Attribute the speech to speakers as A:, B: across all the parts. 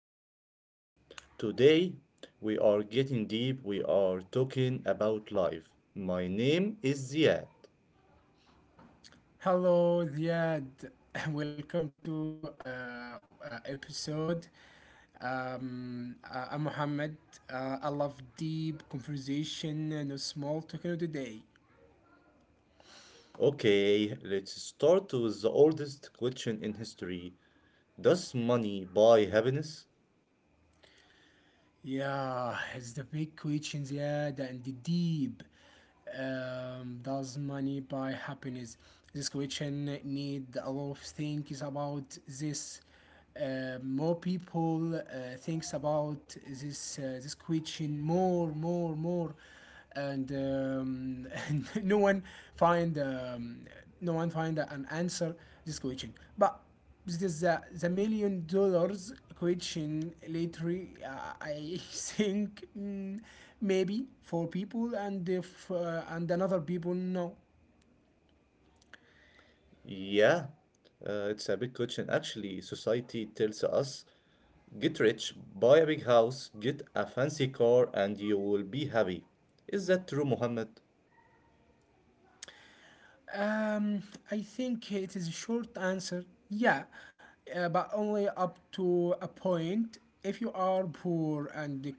A: episode. Today we are getting deep. We are talking about life. My name is Ziad.
B: Hello, Ziad. Welcome to episode. I'm Mohammed. I love deep conversation and a small talking today.
A: Okay, let's start with the oldest question in history. Does money buy happiness?
B: Yeah, it's the big questions, yeah, and the deep. Does money buy happiness? This question need a lot of things about this. More people thinks about this question more, more, more and find um, no one find an answer this question, but this is the $1 million question later. uh, I think, maybe for people, and if and another people, no.
A: Yeah, it's a big question. Actually, society tells us get rich, buy a big house, get a fancy car, and you will be happy. Is that true, Mohammed?
B: Um, I think it is a short answer. Yeah, but only up to a point. If you are poor and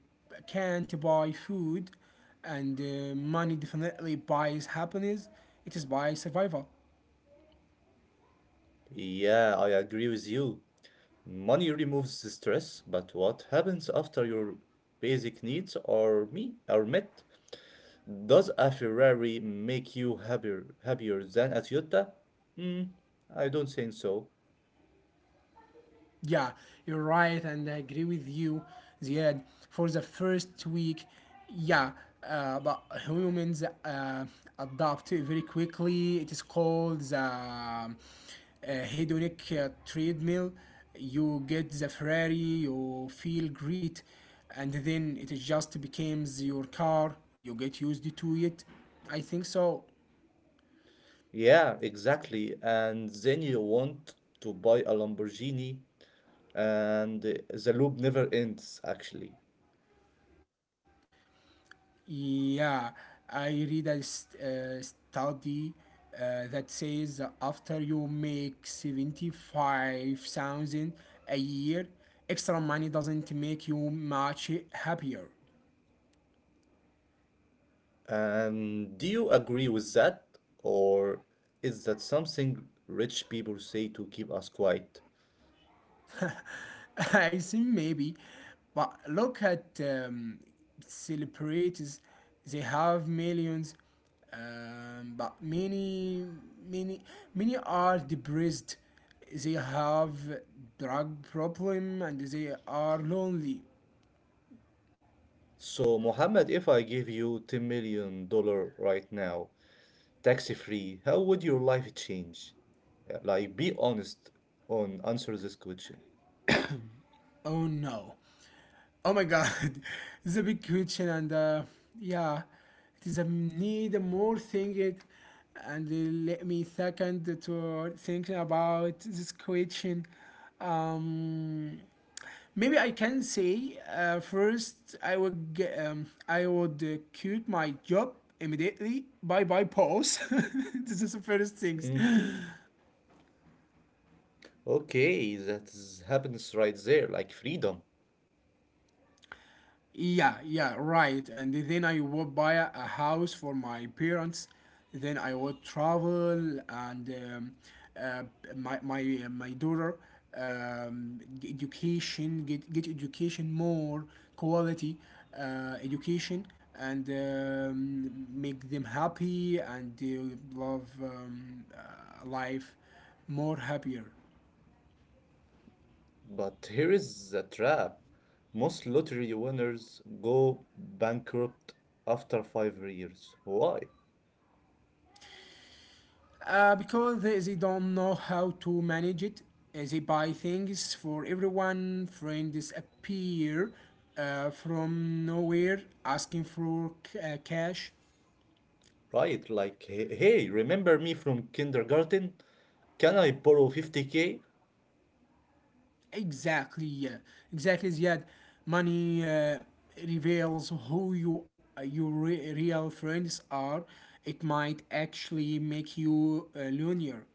B: can't buy food, and money definitely buys happiness. It is by survival.
A: Yeah, I agree with you. Money removes the stress, but what happens after your basic needs are met? Does a Ferrari make you happier than a Toyota? Hmm, I don't think so.
B: Yeah, you're right, and I agree with you, Ziad. For the first week, yeah, but humans adapt very quickly. It is called the hedonic treadmill. You get the Ferrari, you feel great, and then it just becomes your car. You get used to it. I think so.
A: Yeah, exactly. And then you want to buy a Lamborghini, and the loop never ends, actually.
B: Yeah, I read a study that says after you make 75,000 a year, extra money doesn't make you much happier.
A: And do you agree with that, or is that something rich people say to keep us quiet?
B: I think maybe, but look at celebrities. They have millions, but many, many, many are depressed. They have drug problem and they are lonely.
A: So, Mohammed, if I give you 10 million dollars right now, tax free, how would your life change? Yeah, like, be honest on answer this question.
B: Oh no. Oh my God, this is a big question, and yeah, it is a need more thinking, and let me second to thinking about this question. Um, Maybe I can say first I would quit my job immediately. Bye bye, pause. This is the first things.
A: Mhm. Okay, that is happiness right there, like freedom.
B: Yeah, yeah, right. And then I would buy a house for my parents. Then I would travel, and uh, my daughter, g- education get education, more quality education, and make them happy, and they love life more happier.
A: But here is the trap. Most lottery winners go bankrupt after 5 years. Why?
B: Because they don't know how to manage it. They buy things for everyone. Friends appear from nowhere asking for cash.
A: Right, like, hey, remember me from kindergarten? Can I borrow 50K?
B: Exactly, yeah. Exactly, yeah. Money reveals your real friends are. It might actually make you lonelier.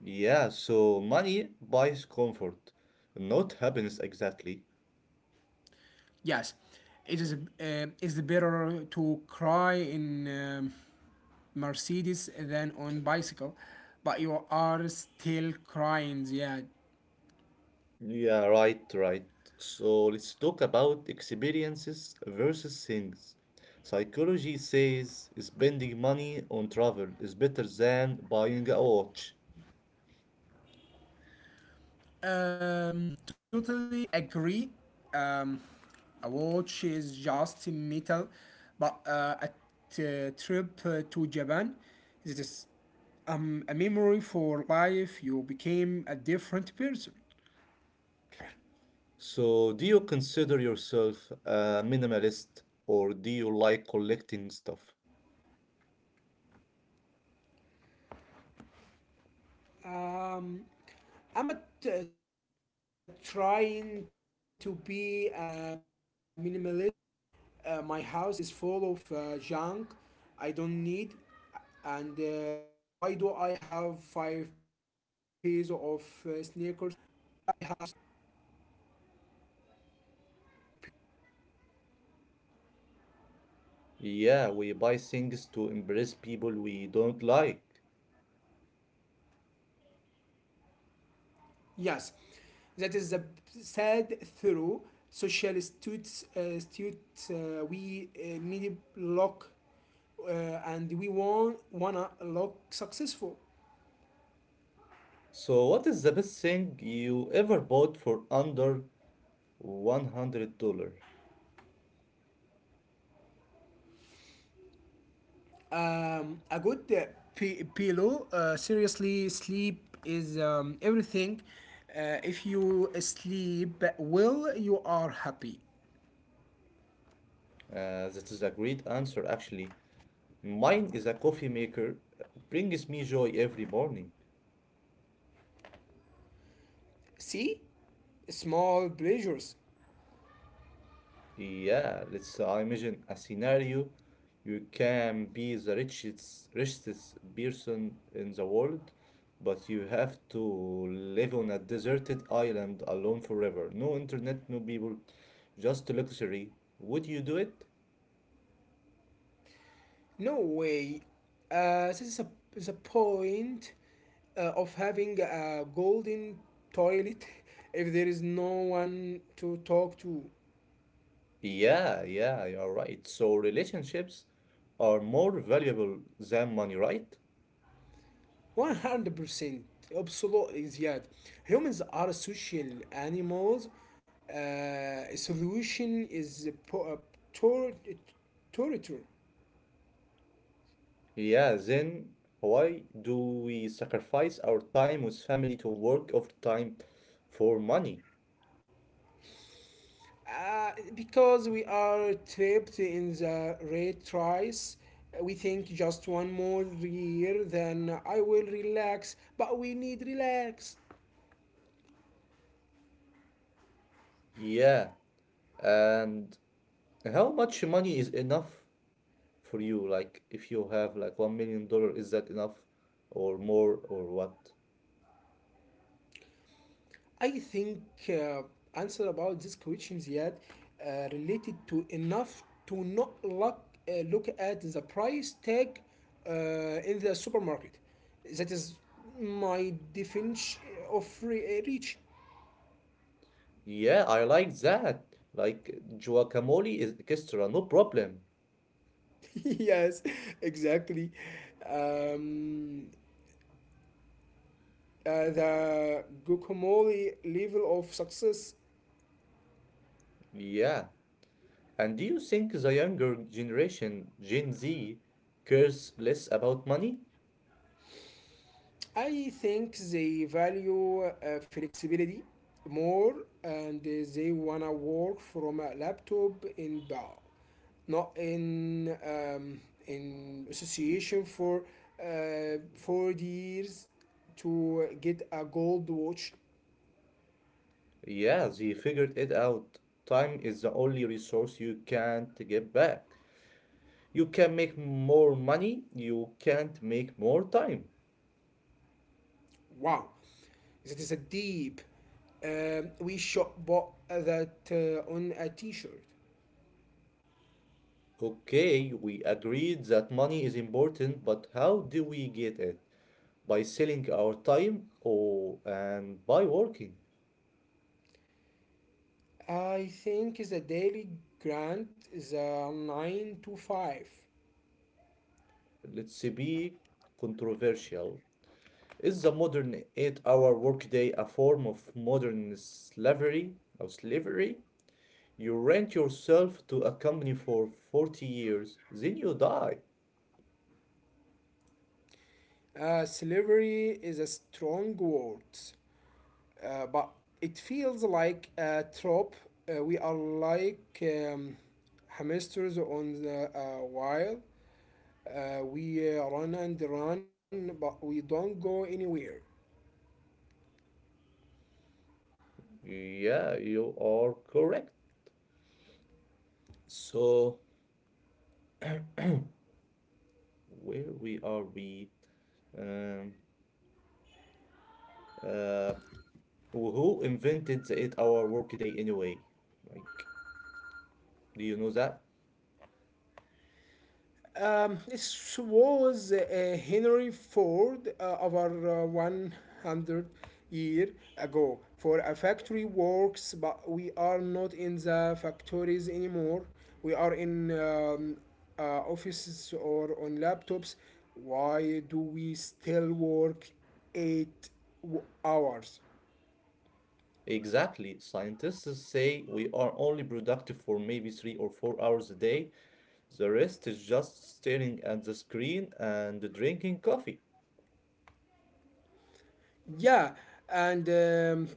A: Yeah, so money buys comfort, not happiness exactly.
B: Yes, it's better to cry in Mercedes than on bicycle, but you are still crying. Yeah,
A: Yeah, right, right. So let's talk about experiences versus things. Psychology says spending money on travel is better than buying a watch.
B: totally agree. Um, a watch is just metal, but a trip to Japan, it is a memory for life. You became a different person.
A: So, do you consider yourself a minimalist or do you like collecting stuff?
B: Um, I'm a trying to be a minimalist. My house is full of junk I don't need. And why do I have five pairs of sneakers? Yeah,
A: Yeah, we buy things to impress people we don't like.
B: yes. That is the sad through social students, we need look, uh, and we want wanna look successful.
A: So, what is the best thing you ever bought for under $100?
B: A good pillow. Seriously, sleep is everything. If you sleep well, you are happy.
A: That is a great answer, actually. Mine is a coffee maker, brings me joy every morning.
B: See, small pleasures.
A: Yeah, let's imagine a scenario. You can be the richest person in the world, but you have to live on a deserted island alone forever. No internet, no people, just luxury. Would you do it?
B: No way. This is the point of having a golden toilet if there is no one to talk to.
A: Yeah, yeah, you're right. So relationships are more valuable than money, right?
B: 100% absolutely, Ziad. Humans are social animals. Uh, a solution is tor- torture.
A: Yeah, then why do we sacrifice our time with family to work overtime for money?
B: Because we are trapped in the red race, we think just one more year, then I will relax. But we need relax.
A: Yeah, and how much money is enough for you? Like, if you have like $1 million, is that enough or more or what?
B: I think uh, answer about these questions yet related to enough to not look at the price tag in the supermarket. That is my definition of reach.
A: Yeah, I like that. Like, guacamole is extra, no problem.
B: Yes, exactly. Um, the guacamole level of success.
A: Yeah. And do you think the younger generation, Gen Z, cares less about money?
B: I think they value flexibility more, and they wanna work from a laptop in bar, not in association for 4 years to get a gold watch.
A: Yeah, they figured it out. Time is the only resource you can't get back. You can make more money, you can't make more time.
B: Wow, that is a deep. We shop bought that on a T-shirt.
A: Okay, we agreed that money is important, but how do we get it? By selling our time or and by working.
B: I think is a daily grant is a 9 to 5.
A: Let's be controversial. Is the modern eight-hour workday a form of modern slavery or slavery? You rent yourself to a company for 40 years, then you die.
B: Slavery is a strong word, but it feels like a trap. We are like hamsters on the wheel. We run and run, but we don't go anywhere.
A: Yeah, you are correct. So, where we are we? Um, uh, who invented the eight-hour workday anyway? Like, do you know that?
B: This was Henry Ford over 100 year ago for a factory works, but we are not in the factories anymore. We are in offices or on laptops. Why do we still work 8 hours?
A: Exactly. Scientists say we are only productive for maybe 3 or 4 hours a day. The rest is just staring at the screen and drinking coffee.
B: Yeah, and um,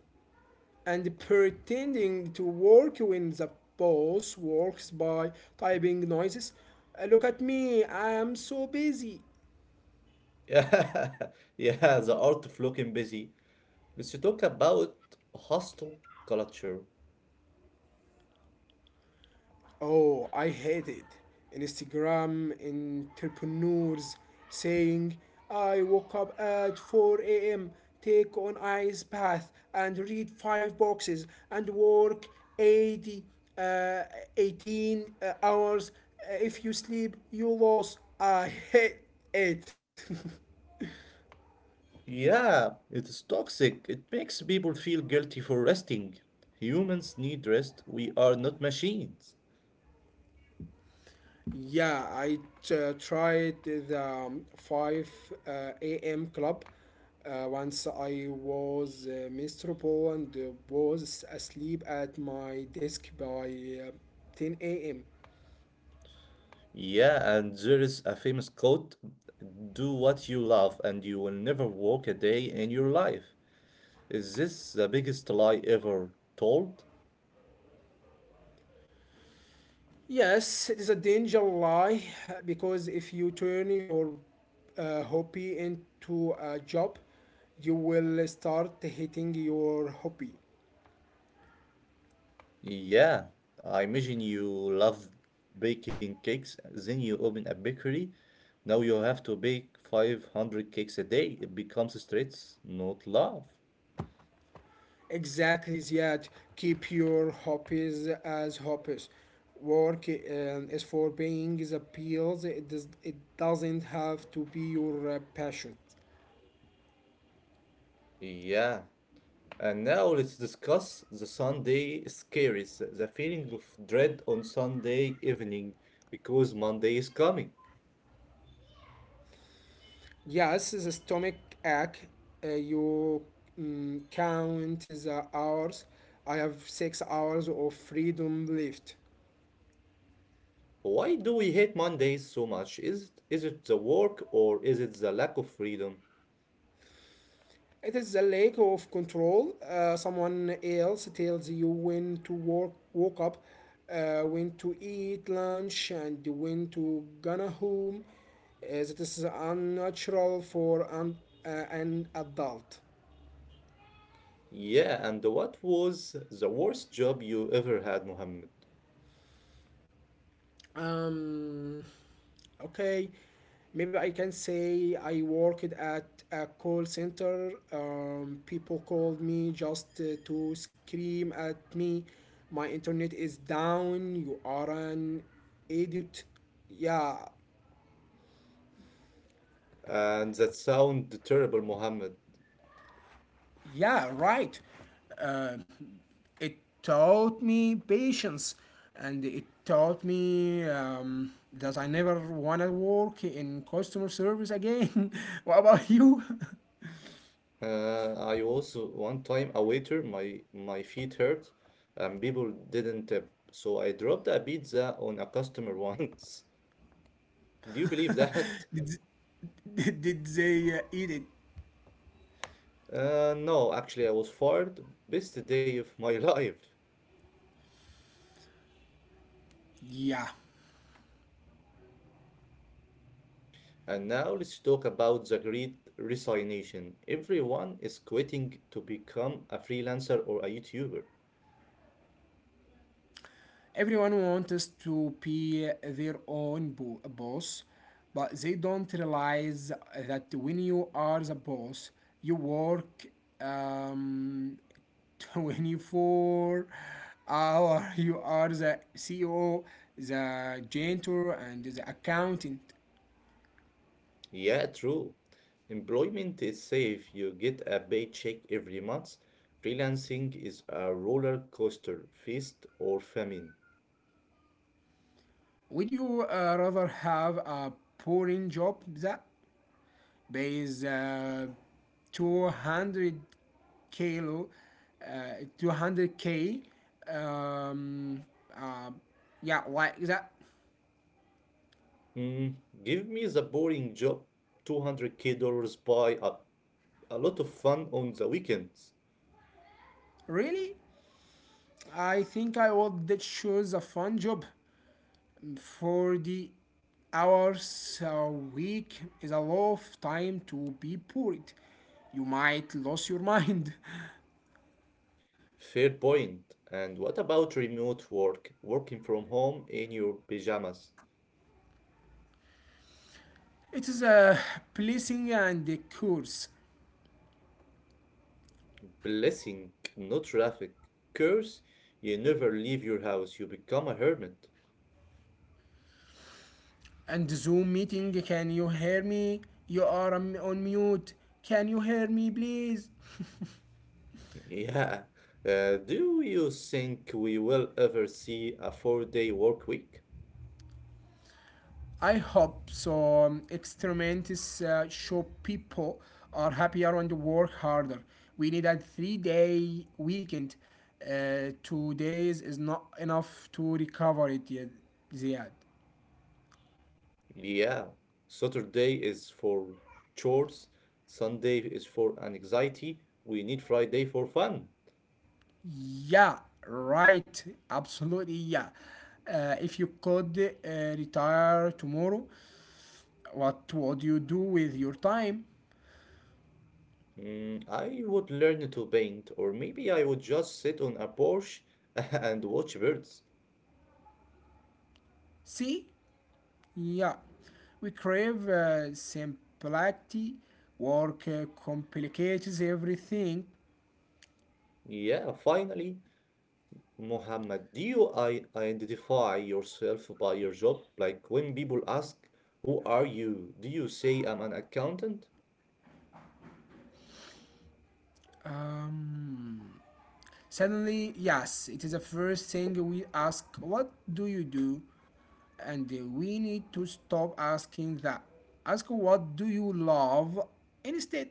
B: and pretending to work when the boss works by typing noises. Look at me, I'm so busy.
A: Yeah, yeah, the art of looking busy. Let's talk about hostile culture.
B: Oh, I hate it. Instagram entrepreneurs saying, I woke up at 4 a.m., take an ice bath, and read five boxes, and work 80, uh, 18 hours. If you sleep, you lose. I hate it.
A: Yeah, it is toxic. It makes people feel guilty for resting. Humans need rest. We are not machines.
B: Yeah, I tried the 5 a.m. club once. I was miserable and was asleep at my desk by uh, 10 a.m.
A: Yeah, and there is a famous quote, do what you love and you will never work a day in your life. Is this the biggest lie ever told?
B: Yes, it is a danger lie because if you turn your hobby into a job, you will start hating your hobby.
A: Yeah, I imagine you love baking cakes. Then you open a bakery. Now you have to bake 500 cakes a day. It becomes stress, not love.
B: Exactly, Ziad. Keep your hobbies as hobbies. Work is for paying the bills. It doesn't have to be your passion.
A: Yeah, and now let's discuss the Sunday scaries, the feeling of dread on Sunday evening because Monday is coming.
B: Yes, the stomach ache. You count the hours. I have 6 hours of freedom left.
A: Why do we hate Mondays so much? Is it the work or is it the lack of freedom?
B: It is the lack of control. Someone else tells you when to work, woke up, when to eat lunch, and when to gonna home. As it is unnatural for an adult.
A: Yeah, and what was the worst job you ever had, Mohammed?
B: Um, Okay, maybe I can say I worked at a call center. People called me just to scream at me. My internet is down. You are an idiot. Yeah,
A: And that sound terrible, Mohammed.
B: yeah, right. Uh, it taught me patience, and it taught me that I never want to work in customer service again. What about you?
A: I also one time a waiter, my feet hurt, and people didn't tip, so I dropped a pizza on a customer once. Do you believe that?
B: Did, did they eat it?
A: No, actually, I was fired. Best day of my life.
B: Yeah.
A: And now let's talk about the great resignation. Everyone is quitting to become a freelancer or a YouTuber.
B: Everyone wants to be their own boss, but they don't realize that when you are the boss, you work um, 24 hour. You are the CEO, the janitor, and the accountant.
A: Yeah, true. Employment is safe. You get a paycheck every month. Freelancing is a roller coaster, feast or famine.
B: Would you rather have a boring job that there is 200 kilo, uh, 200 k. Um, uh, yeah, like that.
A: Mm, give me the boring job, 200K dollars buy a lot of fun on the weekends.
B: Really, I think I would that choose a fun job. For the hours a week is a lot of time to be bored. You might lose your mind.
A: Fair point. And what about remote work? Working from home in your pajamas.
B: It is a blessing and a curse.
A: Blessing, no traffic. Curse, you never leave your house. You become a hermit.
B: And Zoom meeting. Can you hear me? You are on mute. Can you hear me, please?
A: Yeah. Do you think we will ever see a 4 day work week?
B: I hope so. Experiments show people are happier and work harder. We need a 3-day weekend. 2 days is not enough to recover it yet, Ziad.
A: Yeah. Saturday is for chores, Sunday is for anxiety. We need Friday for fun.
B: Yeah, right. Absolutely, yeah. If you could uh, retire tomorrow, what would you do with your time?
A: Mm, I would learn to paint, or maybe I would just sit on a porch and watch birds.
B: See? Yeah. We crave simplicity. Work complicates everything.
A: Yeah, finally. Mohammed, do you I identify yourself by your job? Like when people ask, who are you? Do you say I'm an accountant?
B: Um, Suddenly, yes, it is the first thing we ask, what do you do? And we need to stop asking that. Ask what do you love instead.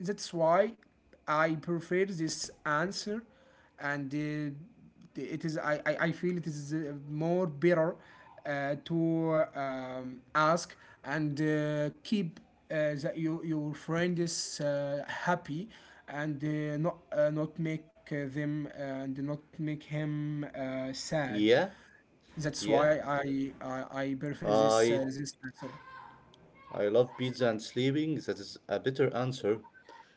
B: That's why I prefer this answer, and it is I feel it is more better to ask, and keep that your friend is happy, and not make them, and not make him sad.
A: Yeah,
B: That's
A: yeah.
B: why I prefer
A: I
B: this answer.
A: I love pizza and sleeping. That is a better answer.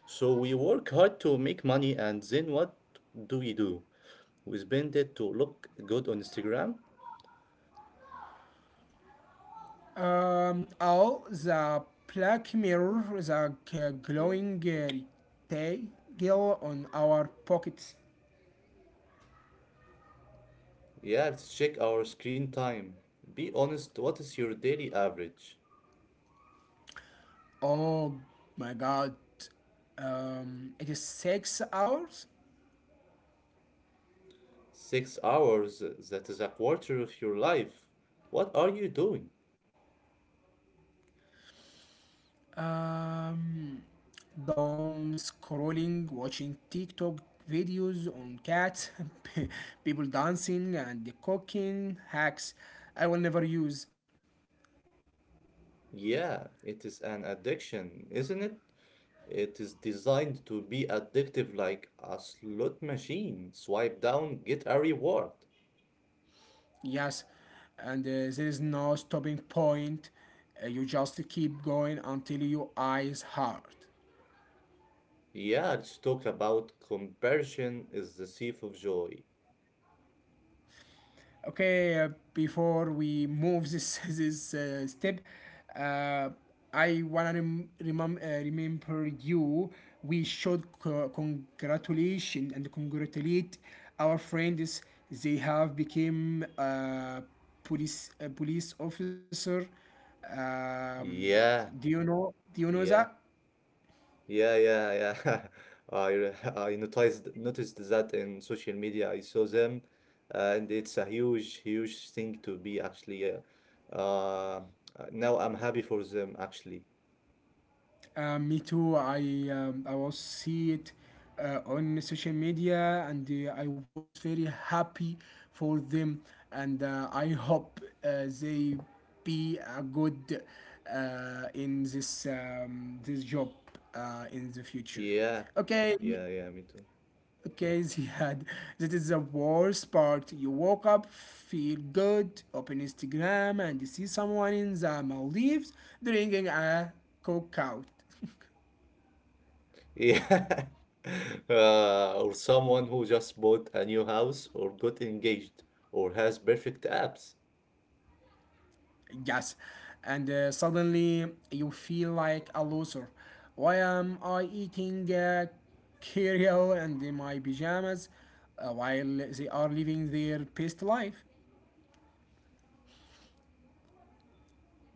A: So we work hard to make money and then what do? We spend it to look good on Instagram?
B: Oh, the black mirror, the glowing detail on our pockets.
A: Yeah, let's check our screen time. Be honest, what is your daily average?
B: Oh my God. It is 6 hours.
A: 6 hours, that is a quarter of your life. What are you doing?
B: Um, Dumb scrolling, watching TikTok videos on cats, people dancing and cooking hacks I will never use.
A: Yeah, it is an addiction, isn't it? It is designed to be addictive like a slot machine. Swipe down, get a reward.
B: Yes, and there is no stopping point. You just keep going until your eyes hurt.
A: Yeah, let's talk about comparison is the thief of joy.
B: Okay, before we move this this step, uh, I wanna remember you. We should co- congratulation and congratulate our friends. They have become police a police officer. Um,
A: Yeah,
B: do you know? Do you know
A: yeah,
B: that?
A: yeah, yeah, yeah. I noticed that in social media. I saw them, and it's a huge thing to be actually. Uh, uh, now I'm happy for them actually.
B: Me too. I was see it on social media, and I was very happy for them, and I hope they be a good in this job in the future.
A: Yeah.
B: Okay,
A: Yeah, yeah, me too.
B: okay, Ziad. That is the worst part. You woke up, feel good, open Instagram, and you see someone in the Maldives drinking a coke out.
A: Yeah. Or someone who just bought a new house or got engaged or has perfect apps.
B: Yes, and suddenly you feel like a loser. Why am I eating cereal and in my pajamas while they are living their best life?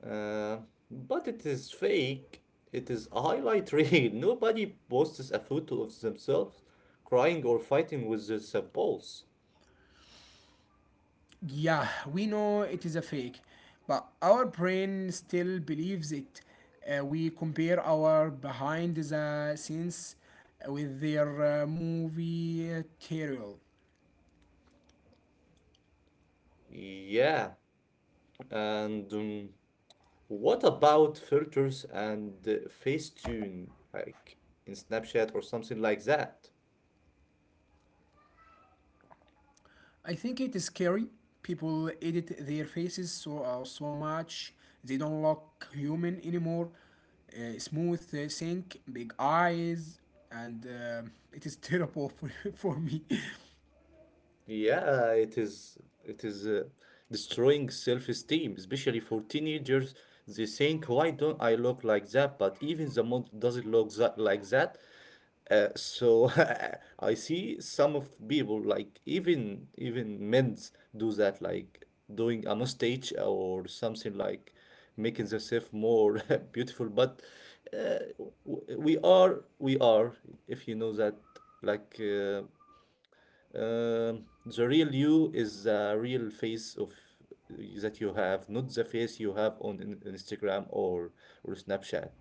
A: Uh, but it is fake. It is a highlight reel. Nobody posts a photo of themselves crying or fighting with their spouse.
B: Yeah, we know it is a fake, but our brain still believes it. We compare our behind the scenes with their movie material.
A: Yeah. And what about filters and Facetune, like in Snapchat or something like that?
B: I think it is scary. People edit their faces so much they don't look human anymore. Smooth sink, big eyes, and it is terrible for me.
A: Yeah, it is destroying self-esteem, especially for teenagers. They think, "Why don't I look like that?" But even the model doesn't look that like that. So I see some of people like even men's do that, like doing a mustache or something like making themselves more beautiful. But uh, w- we are, if you know that, like. The real you is the real face of that you have, not the face you have on Instagram or Snapchat.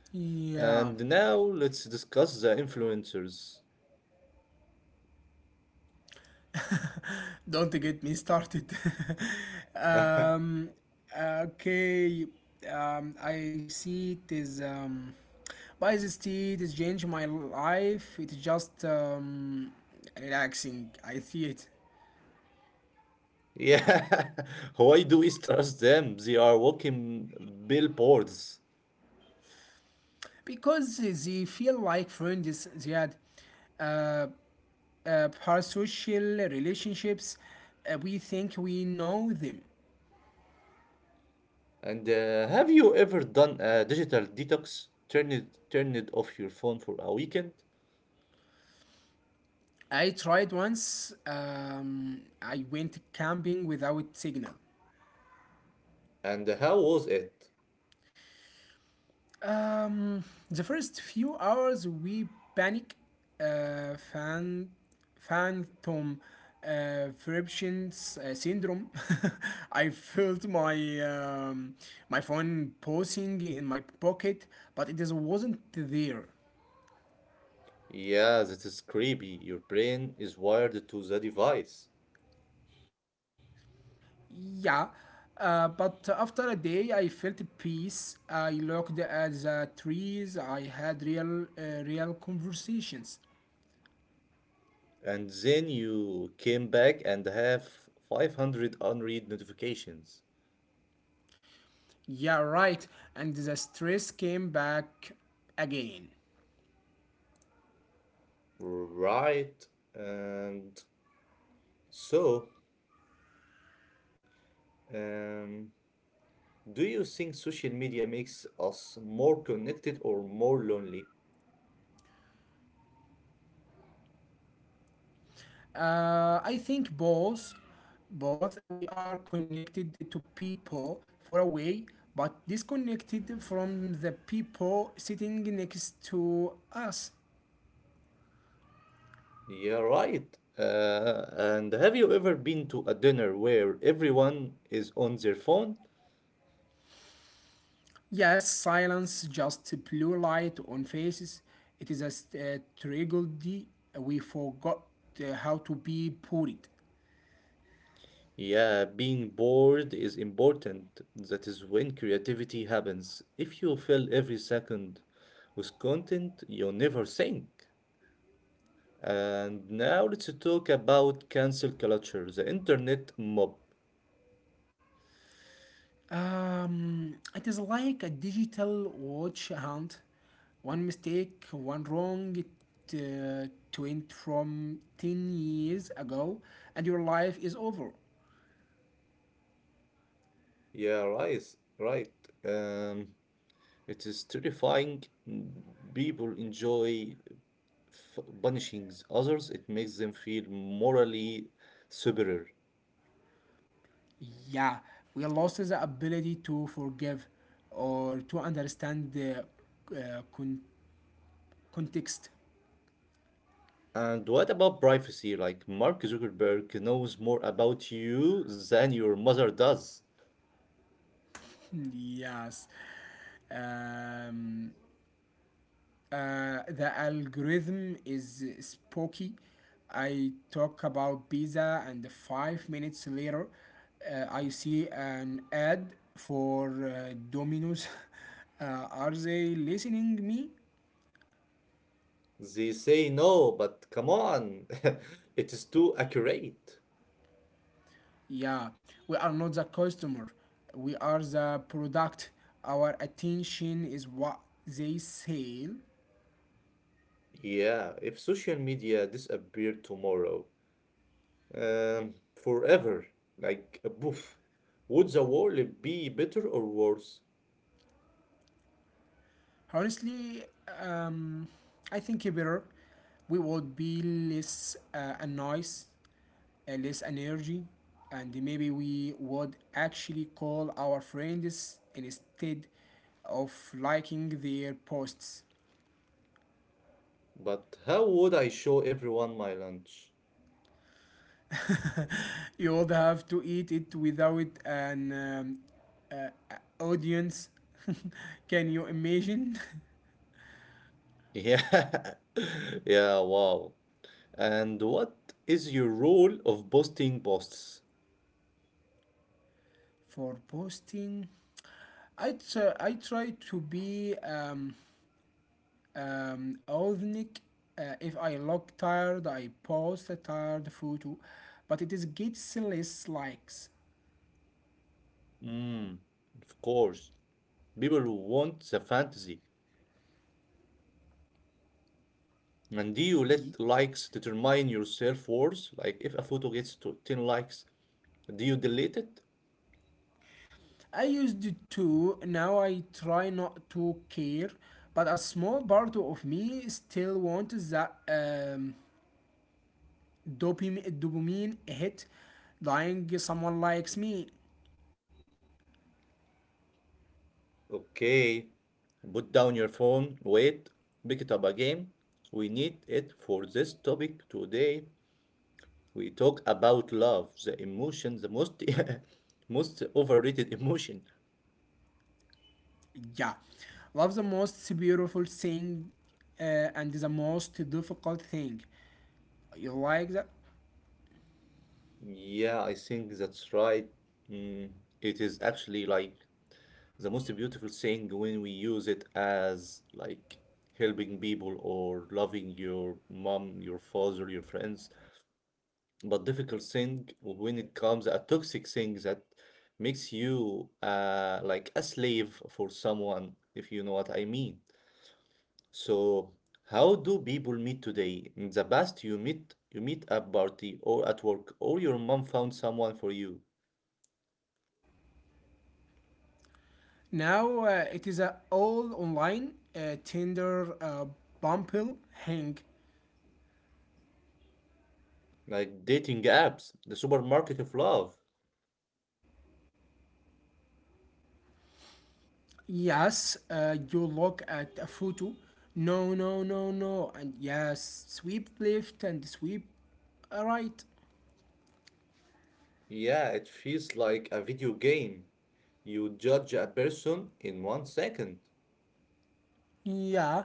B: yeah,
A: And now let's discuss the influencers.
B: Don't get me started. um, okay, I see it is. By this tea, it has changed my life. It's just relaxing. I see it.
A: Yeah, why do we trust them? They are walking billboards.
B: Because they feel like friends they had uh, parasocial relationships, we think we know them.
A: And have you ever done a digital detox? Turn it off your phone for a weekend?
B: I tried once, I went camping without signal.
A: And how was it?
B: Um, the first few hours we panic, uh, fan, phantom, friction syndrome. I felt my my phone pausing in my pocket, but wasn't there.
A: Yeah, that is creepy. Your brain is wired to the device.
B: Yeah, but after a day, I felt peace. I looked at the trees. I had real conversations.
A: And then you came back and have 500 unread notifications.
B: Yeah, right. And the stress came back again.
A: Right. And so, um, do you think social media makes us more connected or more lonely?
B: I think both, both we are connected to people for a way, but disconnected from the people sitting next to us.
A: Yeah, right. And have you ever been to a dinner where everyone is on their phone?
B: Yes, silence, just blue light on faces. It is a tragedy. We forgot how to be polite.
A: Yeah, being bored is important. That is when creativity happens. If you fill every second with content, you never think. And now let's talk about cancel culture, the internet mob.
B: It is like a digital watch hunt. One mistake, one wrong uh, twin from 10 years ago, and your life is over.
A: Yeah, right, right. Um, it is terrifying. Mm, people enjoy f punishing others. It makes them feel morally superior.
B: Yeah, we lost the ability to forgive or to understand the uh, con- context.
A: And what about privacy? Like, Mark Zuckerberg knows more about you than your mother does.
B: Yes. Um, the algorithm is spooky. I talk about pizza, and 5 minutes later, I see an ad for Domino's. Are they listening me?
A: They say no, but come on, it is too accurate.
B: Yeah, we are not the customer. We are the product. Our attention is what they sell.
A: Yeah, if social media disappeared tomorrow, forever, like a poof, would the world be better or worse?
B: Honestly, um, I think better, we would be less annoyed, less energy, and maybe we would actually call our friends instead of liking their posts.
A: But how would I show everyone my lunch?
B: You would have to eat it without an uh, audience. Can you imagine?
A: Yeah, yeah, wow. And what is your role of posting posts?
B: For posting, I try to be authentic. If I look tired, I post a tired photo, but it is gets less likes.
A: Mm, of course, people who want the fantasy. And do you let likes determine your self-worth? Like if a photo gets to 10 likes, do you delete it?
B: I used to, now I try not to care, but a small part of me still wants that dopamine hit, lying someone likes me.
A: Okay, put down your phone, wait, pick it up again. We need it for this topic today. We talk about love, the emotion, the most most overrated emotion.
B: Yeah, love, the most beautiful thing, uh, and the most difficult thing. You like that?
A: Yeah, I think that's right. Mm, it is actually like the most beautiful thing when we use it as like helping people or loving your mom, your father, your friends. But difficult thing when it comes a toxic thing that makes you like a slave for someone, if you know what I mean. So how do people meet today? In the past, you meet at party or at work, or your mom found someone for you.
B: Now it is all online: Tinder, Bumble, Hang.
A: Like dating apps, the supermarket of love.
B: Yes, you look at a photo. No, no, no, no. And yes, sweep left and sweep right.
A: Yeah, it feels like a video game. You judge a person in 1 second.
B: Yeah,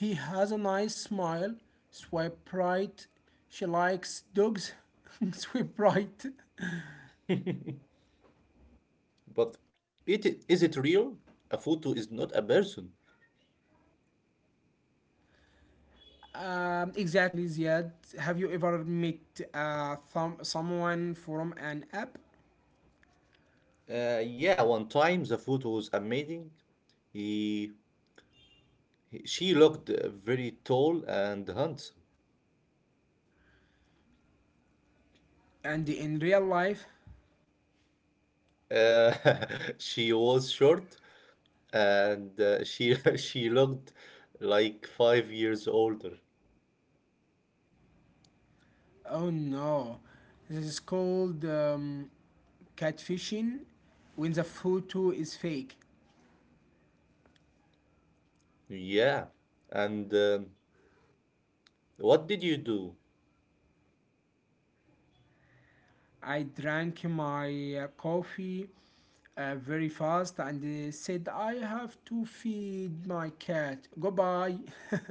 B: he has a nice smile. Swipe right. She likes dogs. Swipe right.
A: But it, is it real? A photo is not a person.
B: Exactly, Ziad. Have you ever met someone from an app?
A: Yeah, one time the photo was amazing. He, she looked very tall and handsome.
B: And in real life?
A: Uh, she was short and she she looked like 5 years older.
B: Oh no. This is called catfishing, when the photo is fake.
A: Yeah, and What did you do?
B: I drank my coffee very fast and said, I have to feed my cat. Goodbye.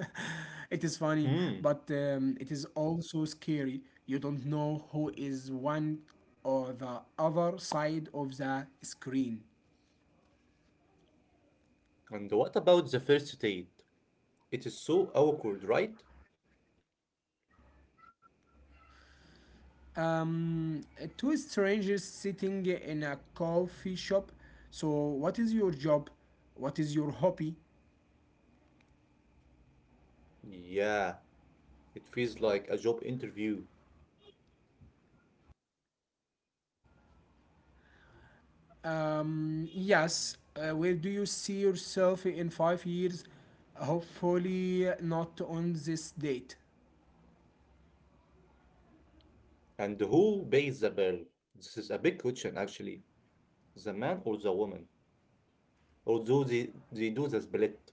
B: It is funny,
A: Hmm.
B: but it is also scary. You don't know who is one or the other side of the screen.
A: And what about the first date? It is so awkward, right?
B: Um, two strangers sitting in a coffee shop. So, what is your job? What is your hobby?
A: Yeah, it feels like a job interview.
B: Yes, where do you see yourself in 5 years? Hopefully, not on this date.
A: And who pays the bill? This is a big question, actually. The man or the woman? Or do they do the split?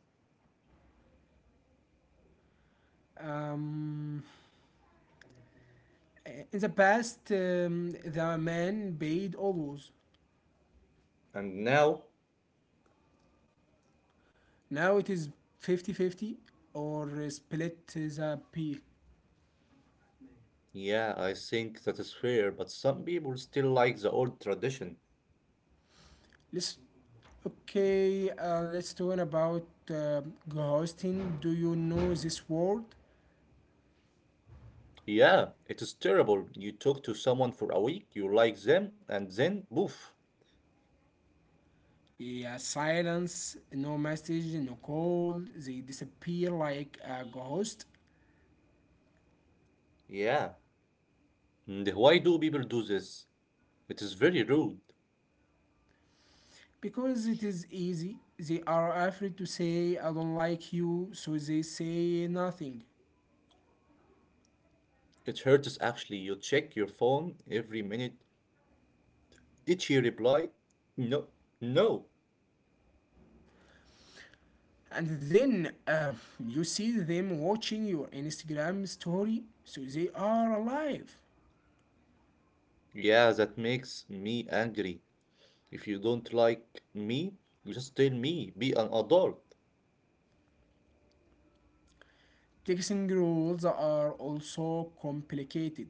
B: Um, in the past, the man paid always.
A: And now?
B: Now it is fifty-fifty or split the bill.
A: Yeah, I think that is fair, but some people still like the old tradition.
B: Let's Okay. Let's talk about ghosting. Do you know this word?
A: Yeah, it is terrible. You talk to someone for a week, you like them, and then poof.
B: Yeah, silence, no message, no call. They disappear like a ghost.
A: Yeah. And why do people do this? It is very rude.
B: Because it is easy. They are afraid to say I don't like you, so they say nothing.
A: It hurts actually. You check your phone every minute. Did she reply? No. No.
B: And then you see them watching your Instagram story, so they are alive.
A: Yeah, that makes me angry. If you don't like me, you just tell me. Be an adult.
B: Texting rules are also complicated.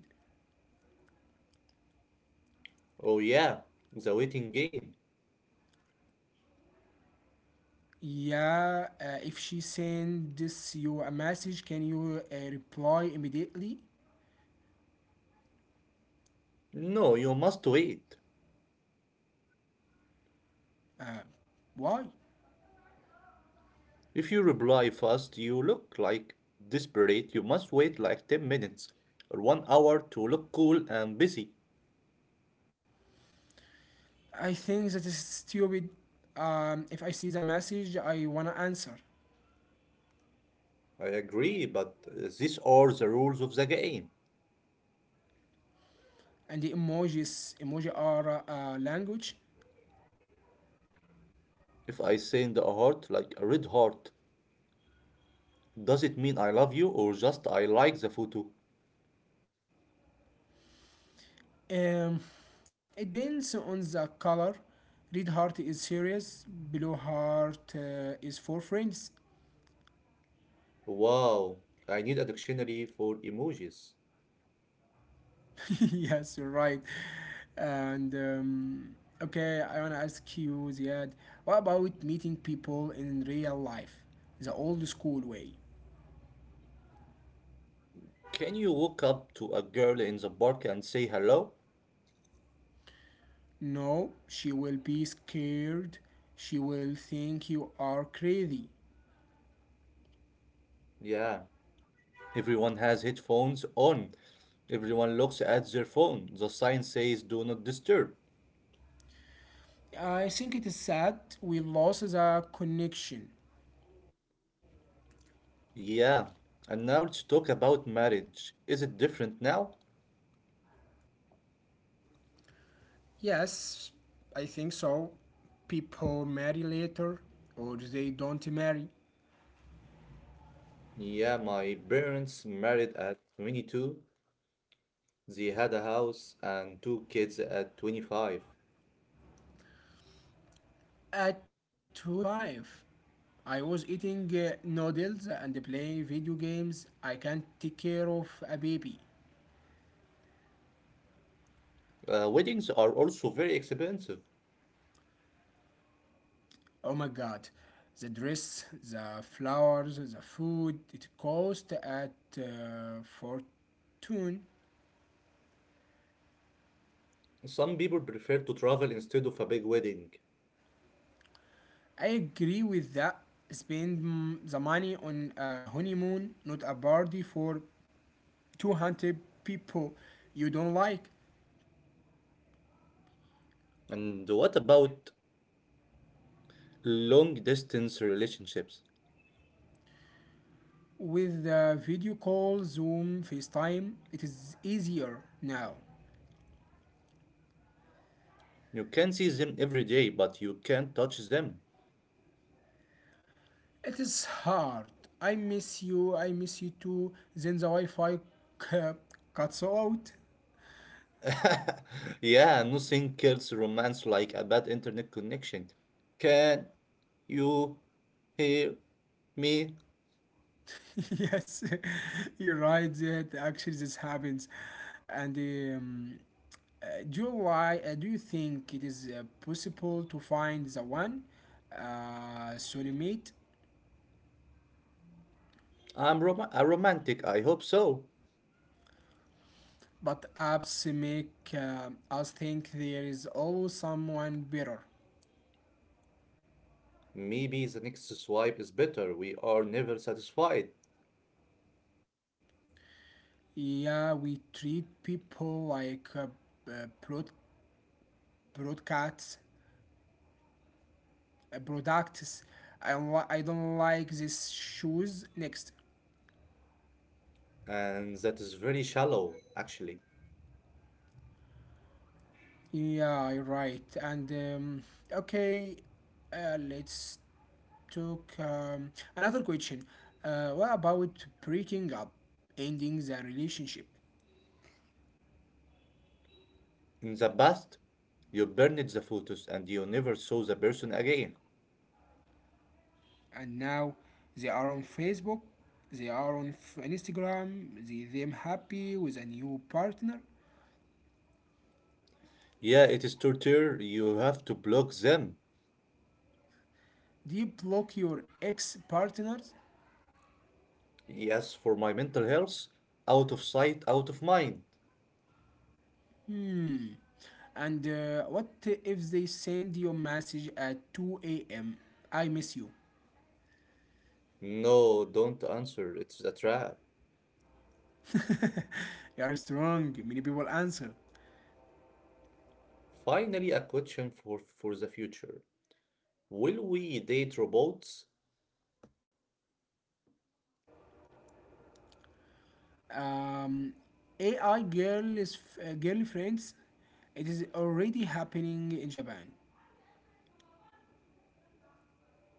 A: Oh, yeah. The waiting game.
B: Yeah, if she sends you a message, can you reply immediately?
A: No, you must wait.
B: Why?
A: If you reply fast, you look like desperate. You must wait like 10 minutes or 1 hour to look cool and busy.
B: I think that is stupid. If I see the message, I wanna answer.
A: I agree, but these are the rules of the game.
B: And the emojis, emoji are language.
A: If I send a heart, like a red heart, does it mean I love you or just I like the photo?
B: Um, it depends on the color. Red heart is serious. Blue heart is for friends.
A: Wow, I need a dictionary for emojis.
B: Yes, you're right. And okay, I want to ask you, Ziad, what about meeting people in real life? The old school way.
A: Can you walk up to a girl in the park and say hello?
B: No, she will be scared. She will think you are crazy.
A: Yeah, everyone has headphones on. Everyone looks at their phone. The sign says do not disturb.
B: I think it is sad we lost the connection.
A: Yeah, and now let's talk about marriage. Is it different now?
B: Yes, I think so. People marry later or they don't marry.
A: Yeah, my parents married at 22. They had a house and two kids at 25.
B: At 25, I was eating noodles and playing video games. I can't take care of a baby.
A: Weddings are also very expensive.
B: Oh my god. The dress, the flowers, the food, it cost at fortune.
A: Some people prefer to travel instead of a big wedding.
B: I agree with that. Spend mm, the money on a honeymoon, not a party for 200 people you don't like.
A: And what about long distance relationships?
B: With the video call, Zoom, FaceTime, it is easier now.
A: You can see them every day, but you can't touch them.
B: It is hard. I miss you. I miss you too. Then the Wi-Fi cu- cuts out.
A: Yeah, nothing kills romance like a bad internet connection. Can you hear me?
B: Yes, you're right. That actually this happens, and do you lie? Do you think it is possible to find the one, soulmate?
A: A romantic, I hope so.
B: But apps make us think there is always someone better.
A: Maybe the next swipe is better. We are never satisfied.
B: Yeah, we treat people like b- uh, broadcasts, products. I don't like these shoes. Next.
A: And that is very shallow, actually.
B: Yeah, right. And okay, let's talk another question. What about breaking up, ending the relationship?
A: In the past, you burned the photos and you never saw the person again.
B: And now they are on Facebook, they are on Instagram. They them happy with a new partner.
A: Yeah, it is torture. You have to block them.
B: Do you block your ex partners?
A: Yes, for my mental health. Out of sight, out of mind.
B: Hmm. And what if they send your message at 2 a.m.? I miss you.
A: No, don't answer. It's a trap.
B: You are strong. Many people answer.
A: Finally, a question for, the future. Will we date robots?
B: Um, AI girl is girlfriends. It is already happening in Japan,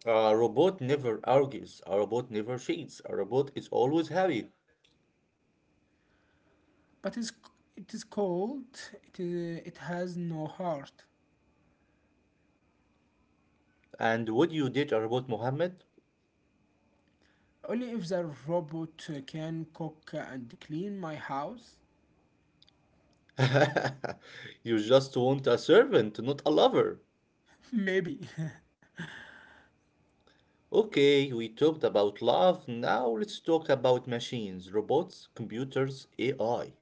A: A robot never argues. A robot never cheats. A robot is always happy.
B: but it is cold. It has no heart.
A: And would you date a robot, Mohammed?
B: Only if the robot can cook and clean my house.
A: You just want a servant, not a lover.
B: Maybe.
A: Okay, we talked about love. Now let's talk about machines, robots, computers, AI.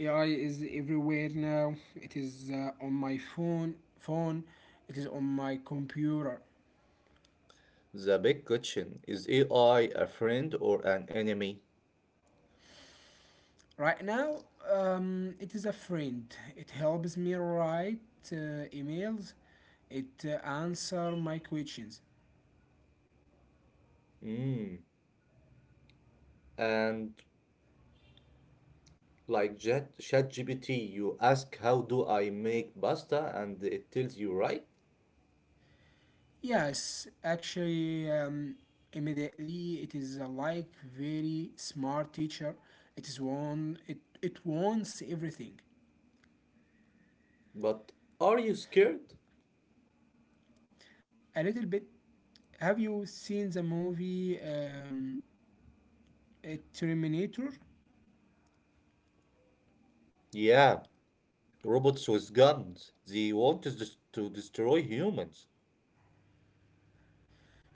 B: AI is everywhere now. It is on my phone. It is on my computer.
A: The big question is AI a friend or an enemy?
B: Right now, it is a friend. It helps me write uh, emails. It answer my questions.
A: Mm. And like ChatGPT, you ask how do I make pasta, and it tells you right.
B: Yes, actually, immediately it is a like very smart teacher. It is one. It wants everything.
A: But are you scared?
B: A little bit, have you seen the movie? A Terminator.
A: Yeah, robots with guns. They want us dis- to destroy humans.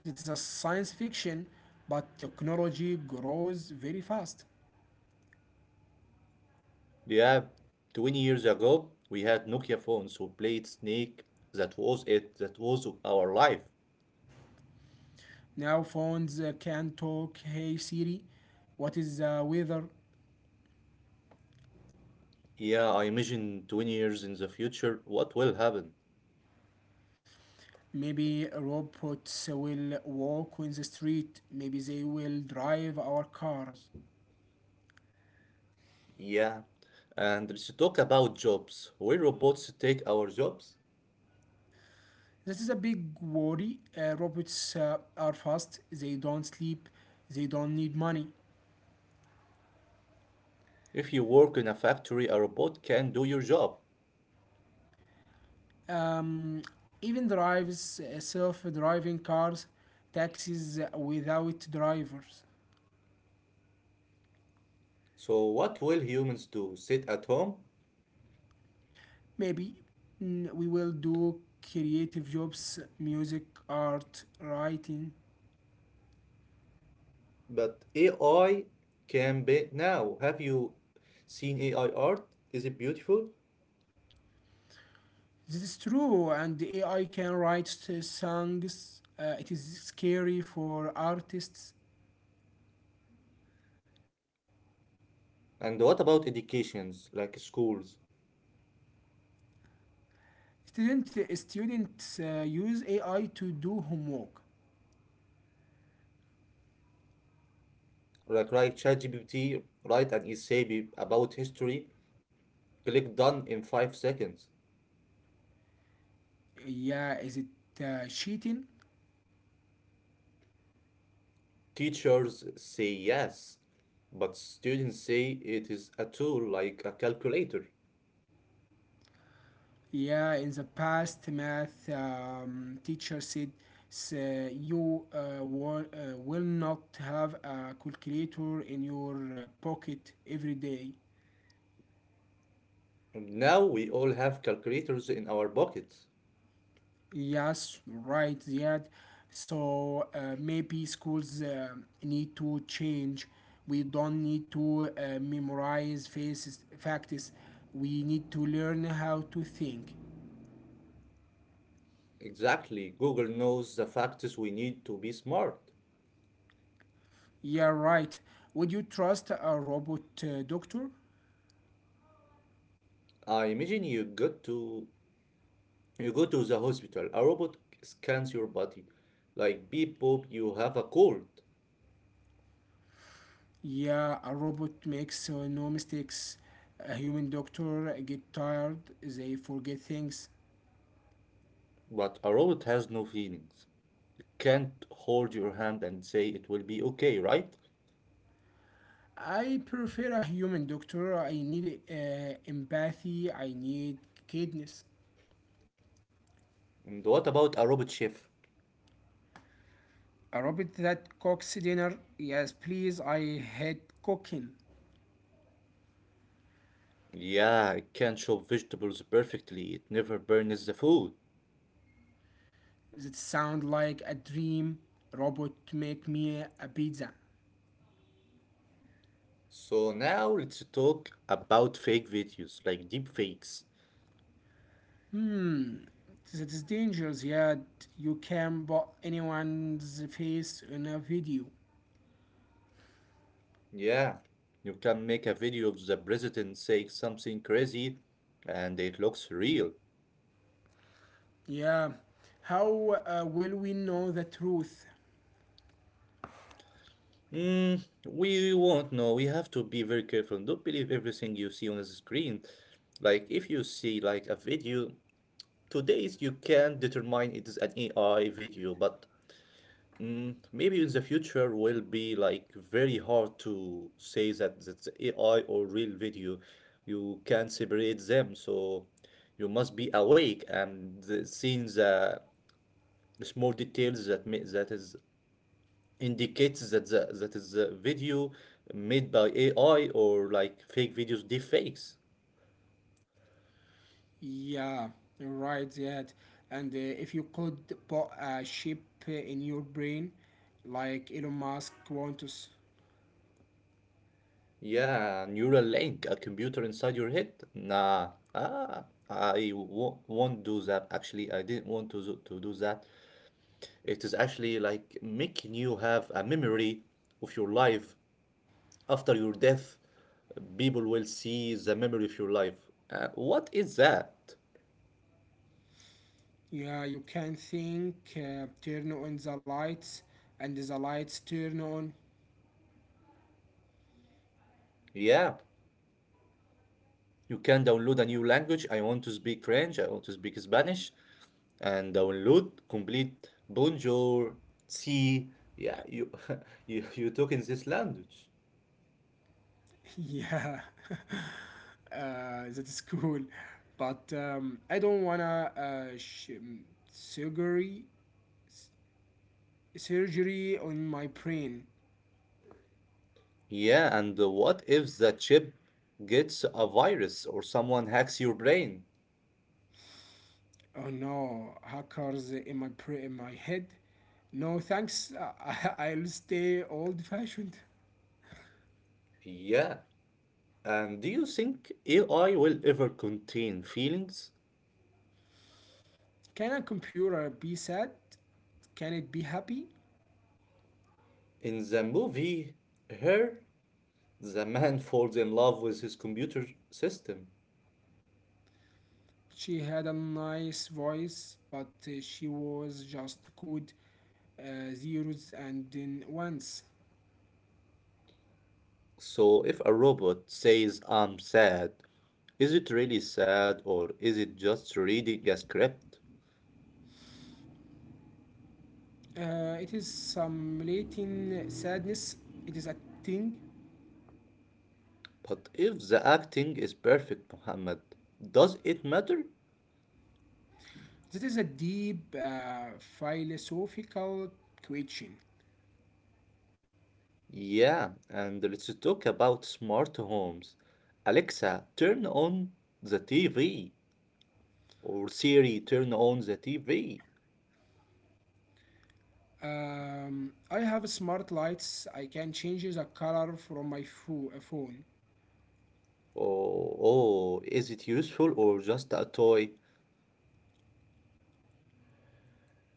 B: It is a science fiction, but technology grows very fast.
A: Yeah, 20 years ago, we had Nokia phones who played Snake. That was it. That was our life.
B: Now phones can talk, hey Siri, what is the weather?
A: Yeah, I imagine 20 years in the future, what will happen?
B: Maybe robots will walk on the street, maybe they will drive our cars.
A: Yeah. And let's talk about jobs. Will robots take our jobs?
B: This is a big worry. Robots are fast, they don't sleep, they don't need money.
A: If you work in a factory, a robot can do your job.
B: Um, even drives self-driving cars, taxis without drivers.
A: So, what will humans do? Sit at home?
B: Maybe mm, we will do creative jobs, music, art, writing.
A: But AI can be now. Have you seen AI art? Is it beautiful?
B: This is true, and the AI can write songs. It is scary for artists.
A: And what about educations, like schools?
B: Students use AI to do homework.
A: Like write ChatGPT, write an essay about history, click done in 5 seconds.
B: Yeah, is it cheating?
A: Teachers say yes, but students say it is a tool like a calculator.
B: Yeah, in the past, math teacher said, you will not have a calculator in your pocket every day.
A: And now we all have calculators in our pockets.
B: Yes, right, Ziad. So maybe schools need to change. We don't need to memorize facts. We need to learn how to think.
A: Exactly, Google knows the factors we need to be smart.
B: Yeah, right. Would you trust a robot doctor?
A: I imagine you got to You go to the hospital, a robot scans your body. Like beep boop, you have a cold.
B: Yeah, a robot makes no mistakes. A human doctor get tired, they forget things.
A: But a robot has no feelings. Can't hold your hand and say it will be okay, right?
B: I prefer a human doctor. I need empathy. I need kindness.
A: And what about a robot chef?
B: A robot that cooks dinner. Yes, please. I hate cooking.
A: Yeah, it can chop vegetables perfectly, it never burns the food.
B: That sound like a dream. Robot make me a pizza.
A: So now let's talk about fake videos, like deep fakes.
B: Hmm. That is dangerous. Yeah, you can put anyone's face in a video.
A: Yeah, you can make a video of the president saying something crazy and it looks real.
B: Yeah. How will we know the truth?
A: Mm, we won't know. We have to be very careful. Don't believe everything you see on the screen. Like if you see like a video, today's you can determine it is an AI video, but mm, maybe in the future will be like very hard to say that that's AI or real video. You can separate them, so you must be awake and seeing the small details that is indicates that that is a video made by AI or like fake videos, deep.
B: Yeah, right, that. And if you could put a chip in your brain, like Elon Musk wants,
A: Yeah, neural link, a computer inside your head. Nah, ah, won't do that. Actually, I didn't want to do that. It is actually like making you have a memory of your life after your death. People will see the memory of your life. What is that?
B: yeah, you can think, turn on the lights, and the lights turn on.
A: Yeah, you can download a new language. I want to speak French. I want to speak Spanish. And download complete Bonjour. See, yeah, you you talk in this language.
B: Yeah, that is cool. But I don't wanna surgery surgery on my brain.
A: Yeah, and what if the chip gets a virus or someone hacks your brain?
B: Oh no, hackers in in my head. No thanks. I'll stay old fashioned.
A: Yeah. And do you think AI will ever contain feelings?
B: Can a computer be sad? Can it be happy?
A: In the movie Her, the man falls in love with his computer system.
B: She had a nice voice, but she was just code, zeros and then ones.
A: So if a robot says I'm sad, is it really sad or is it just reading a script?
B: It is some latent sadness. It is a thing.
A: But if the acting is perfect, Muhammad, does it matter?
B: That is a deep philosophical question.
A: Yeah, and let's talk about smart homes. Alexa, turn on the TV. Or Siri, turn on the TV.
B: I have smart lights. I can change the color from my phone.
A: Oh, oh, is it useful or just a toy?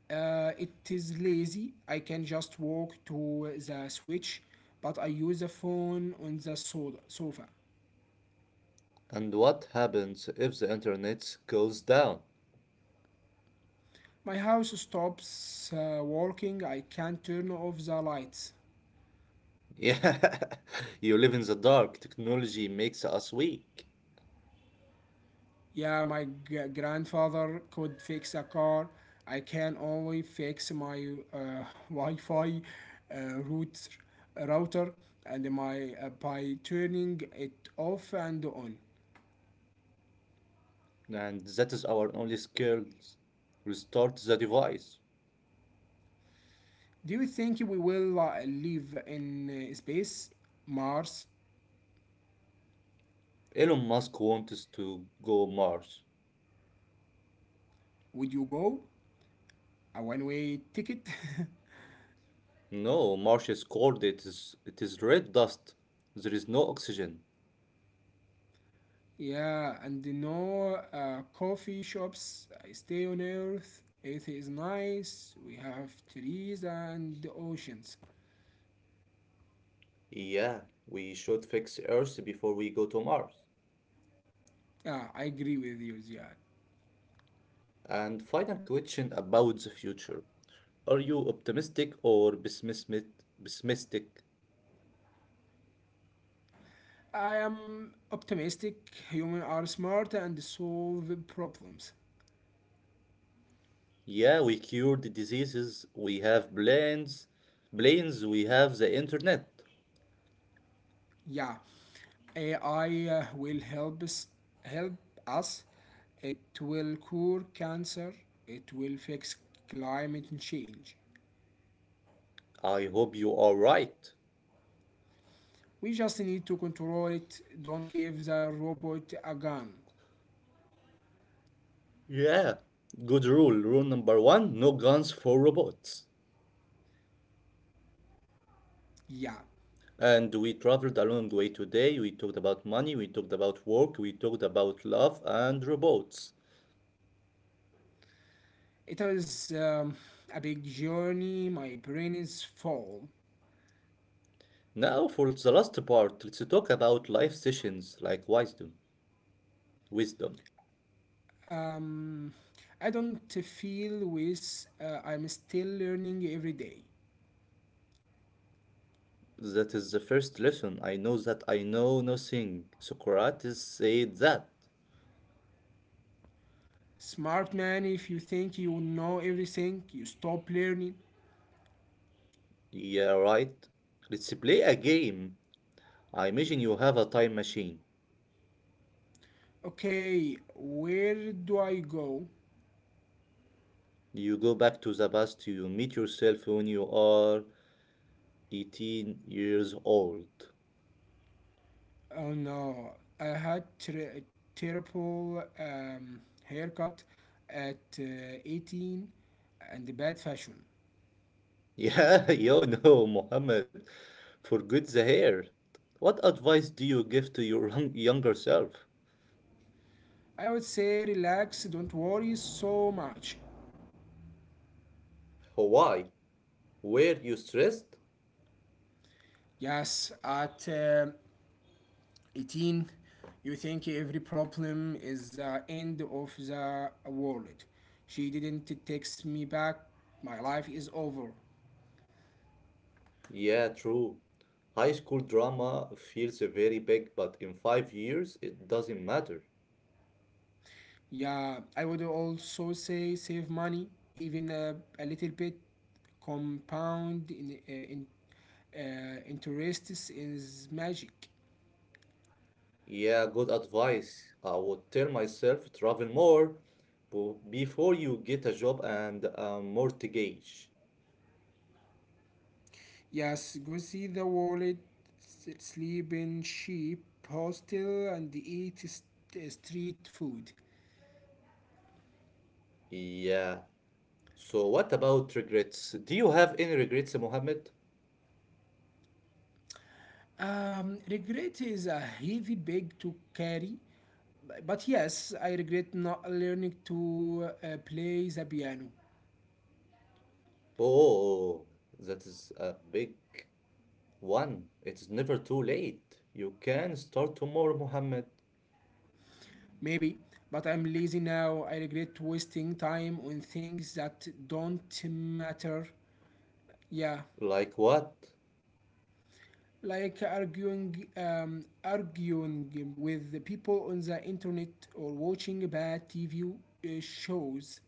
B: It is lazy. I can just walk to the switch, but I use the phone on the sofa.
A: And what happens if the internet goes down?
B: My house stops working. I can turn off the lights.
A: Yeah, you live in the dark. Technology makes us weak.
B: Yeah, my grandfather could fix a car. I can only fix my Wi-Fi uh, router, router and my by turning it off and on.
A: And that is our only skills. Restart the device.
B: Do you think we will live in space, Mars?
A: Elon Musk wants to go Mars.
B: Would you go? A one-way ticket?
A: No, Mars is cold. It is red dust. There is no oxygen.
B: Yeah, and no coffee shops. I stay on Earth. Earth is nice. We have trees and oceans.
A: Yeah, we should fix Earth before we go to Mars.
B: Yeah, I agree with you, Ziad.
A: And final question about the future. Are you optimistic or pessimistic? Pessimistic?
B: I am optimistic. Humans are smart and solve problems.
A: Yeah, we cured the diseases. We have planes. Planes. We have the internet.
B: Yeah, AI will help us. It will cure cancer. It will fix climate change.
A: I hope you are right.
B: We just need to control it. Don't give the robot a gun.
A: Yeah, good rule. Rule number one, no guns for robots.
B: Yeah,
A: And we traveled a long way today. We talked about money, we talked about work, we talked about love and robots.
B: it is a big journey. My brain is full.
A: Now for the last part, let's talk about life sessions like wisdom. Wisdom.
B: Um, I don't feel with I'm still learning every day.
A: That is the first lesson. I know that I know nothing. Socrates said that.
B: Smart man, if you think you know everything, you stop learning.
A: Yeah, right. Let's play a game. I imagine you have a time machine.
B: Okay, where do I go?
A: You go back to the past, you meet yourself when you are 18 years old.
B: Oh no, I had terrible haircut at 18 and bad fashion.
A: Yeah, yo, no, Mohammed, forget the hair. What advice do you give to your younger self?
B: I would say relax, don't worry so much.
A: Why? Were you stressed?
B: Yes, at 18 you think every problem is the end of the world. She didn't text me back. My life is over.
A: Yeah, true. High school drama feels very big, but in 5 years, it doesn't matter.
B: Yeah, I would also say save money, even a little bit. Compound in interest is magic.
A: Yeah, good advice. I would tell myself travel more before you get a job and a mortgage.
B: Yes, go see the wallet, sleep in cheap hostel and eat street food.
A: Yeah. So what about regrets? Do you have any regrets, Mohammed?
B: Regret is a heavy bag to carry, but yes, I regret not learning to play the piano.
A: Oh, that is a big one. It's never too late. You can start tomorrow, Mohammed.
B: Maybe, but I'm lazy now. I regret wasting time on things that don't matter. Yeah,
A: Like what?
B: like arguing with the people on the internet or watching bad TV shows.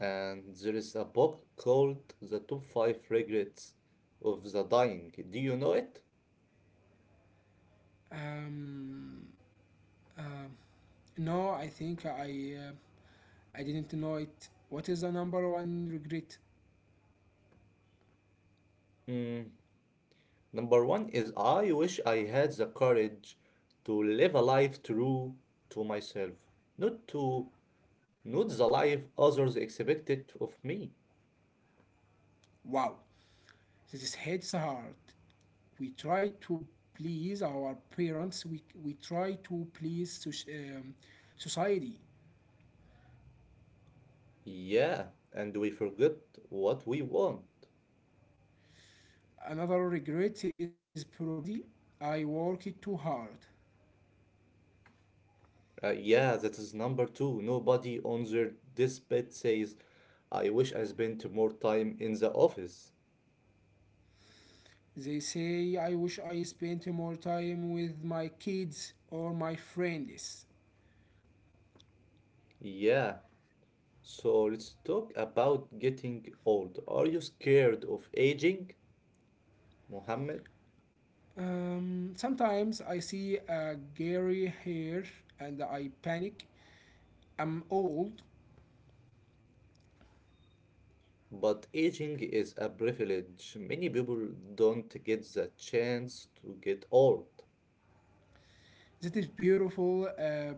A: And there is a book called The Top 5 Regrets of the Dying. Do you know it?
B: Um, no, I think I. I didn't know it. What is the number one regret?
A: Mm. Number one is I wish I had the courage to live a life true to myself, not to, not the life others expected of me.
B: Wow, this hits hard. We try to please our parents. We try to please society.
A: Yeah, and we forget what we want.
B: Another regret is probably I work it too hard.
A: Yeah, that is number two. Nobody on their deathbed says, I wish I spent more time in the office.
B: They say I wish I spent more time with my kids or my friends.
A: Yeah, so let's talk about getting old. Are you scared of aging, Mohammed?
B: Sometimes I see a gray hair and I panic. I'm old.
A: But aging is a privilege. Many people don't get the chance to get old.
B: That is beautiful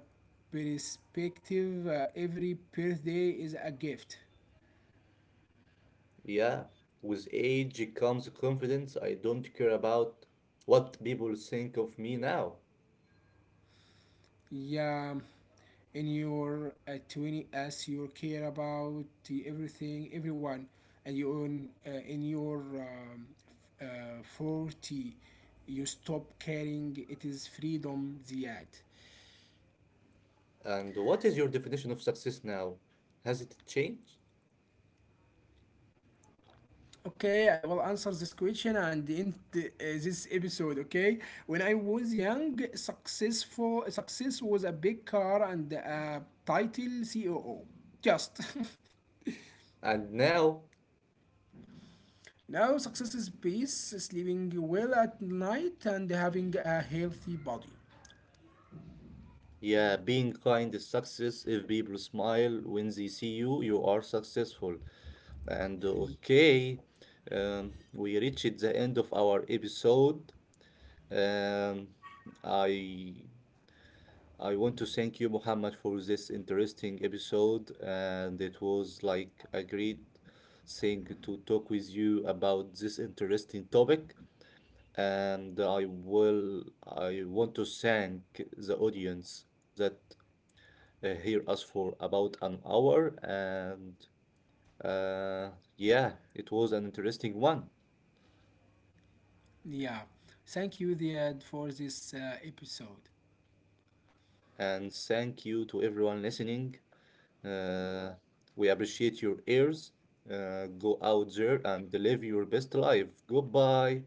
B: perspective. Every birthday is a gift.
A: Yeah, with age comes confidence. I don't care about what people think of me now.
B: Yeah, in your 20s, you care about the everything, everyone, and you own, in your 40, you stop caring. It is freedom, Ziad.
A: And what is your definition of success now? Has it changed?
B: Okay, I will answer this question and end this episode. Okay, when I was young, success was a big car and a title COO. Just
A: And now,
B: now, success is peace, sleeping well at night, and having a healthy body.
A: yeah, being kind is success. If people smile when they see you, you are successful. And
B: Y-
A: okay, we reached the end of our episode. Um, I I want to thank you, Muhammad, for this interesting episode, and it was like a great thing to talk with you about this interesting topic. And I want to thank the audience that hear us for about an hour, and uh, yeah, it was an interesting one.
B: Yeah, thank you, Ziad, for this episode.
A: And thank you to everyone listening. Uh, we appreciate your ears. Go out there and live your best life. Goodbye.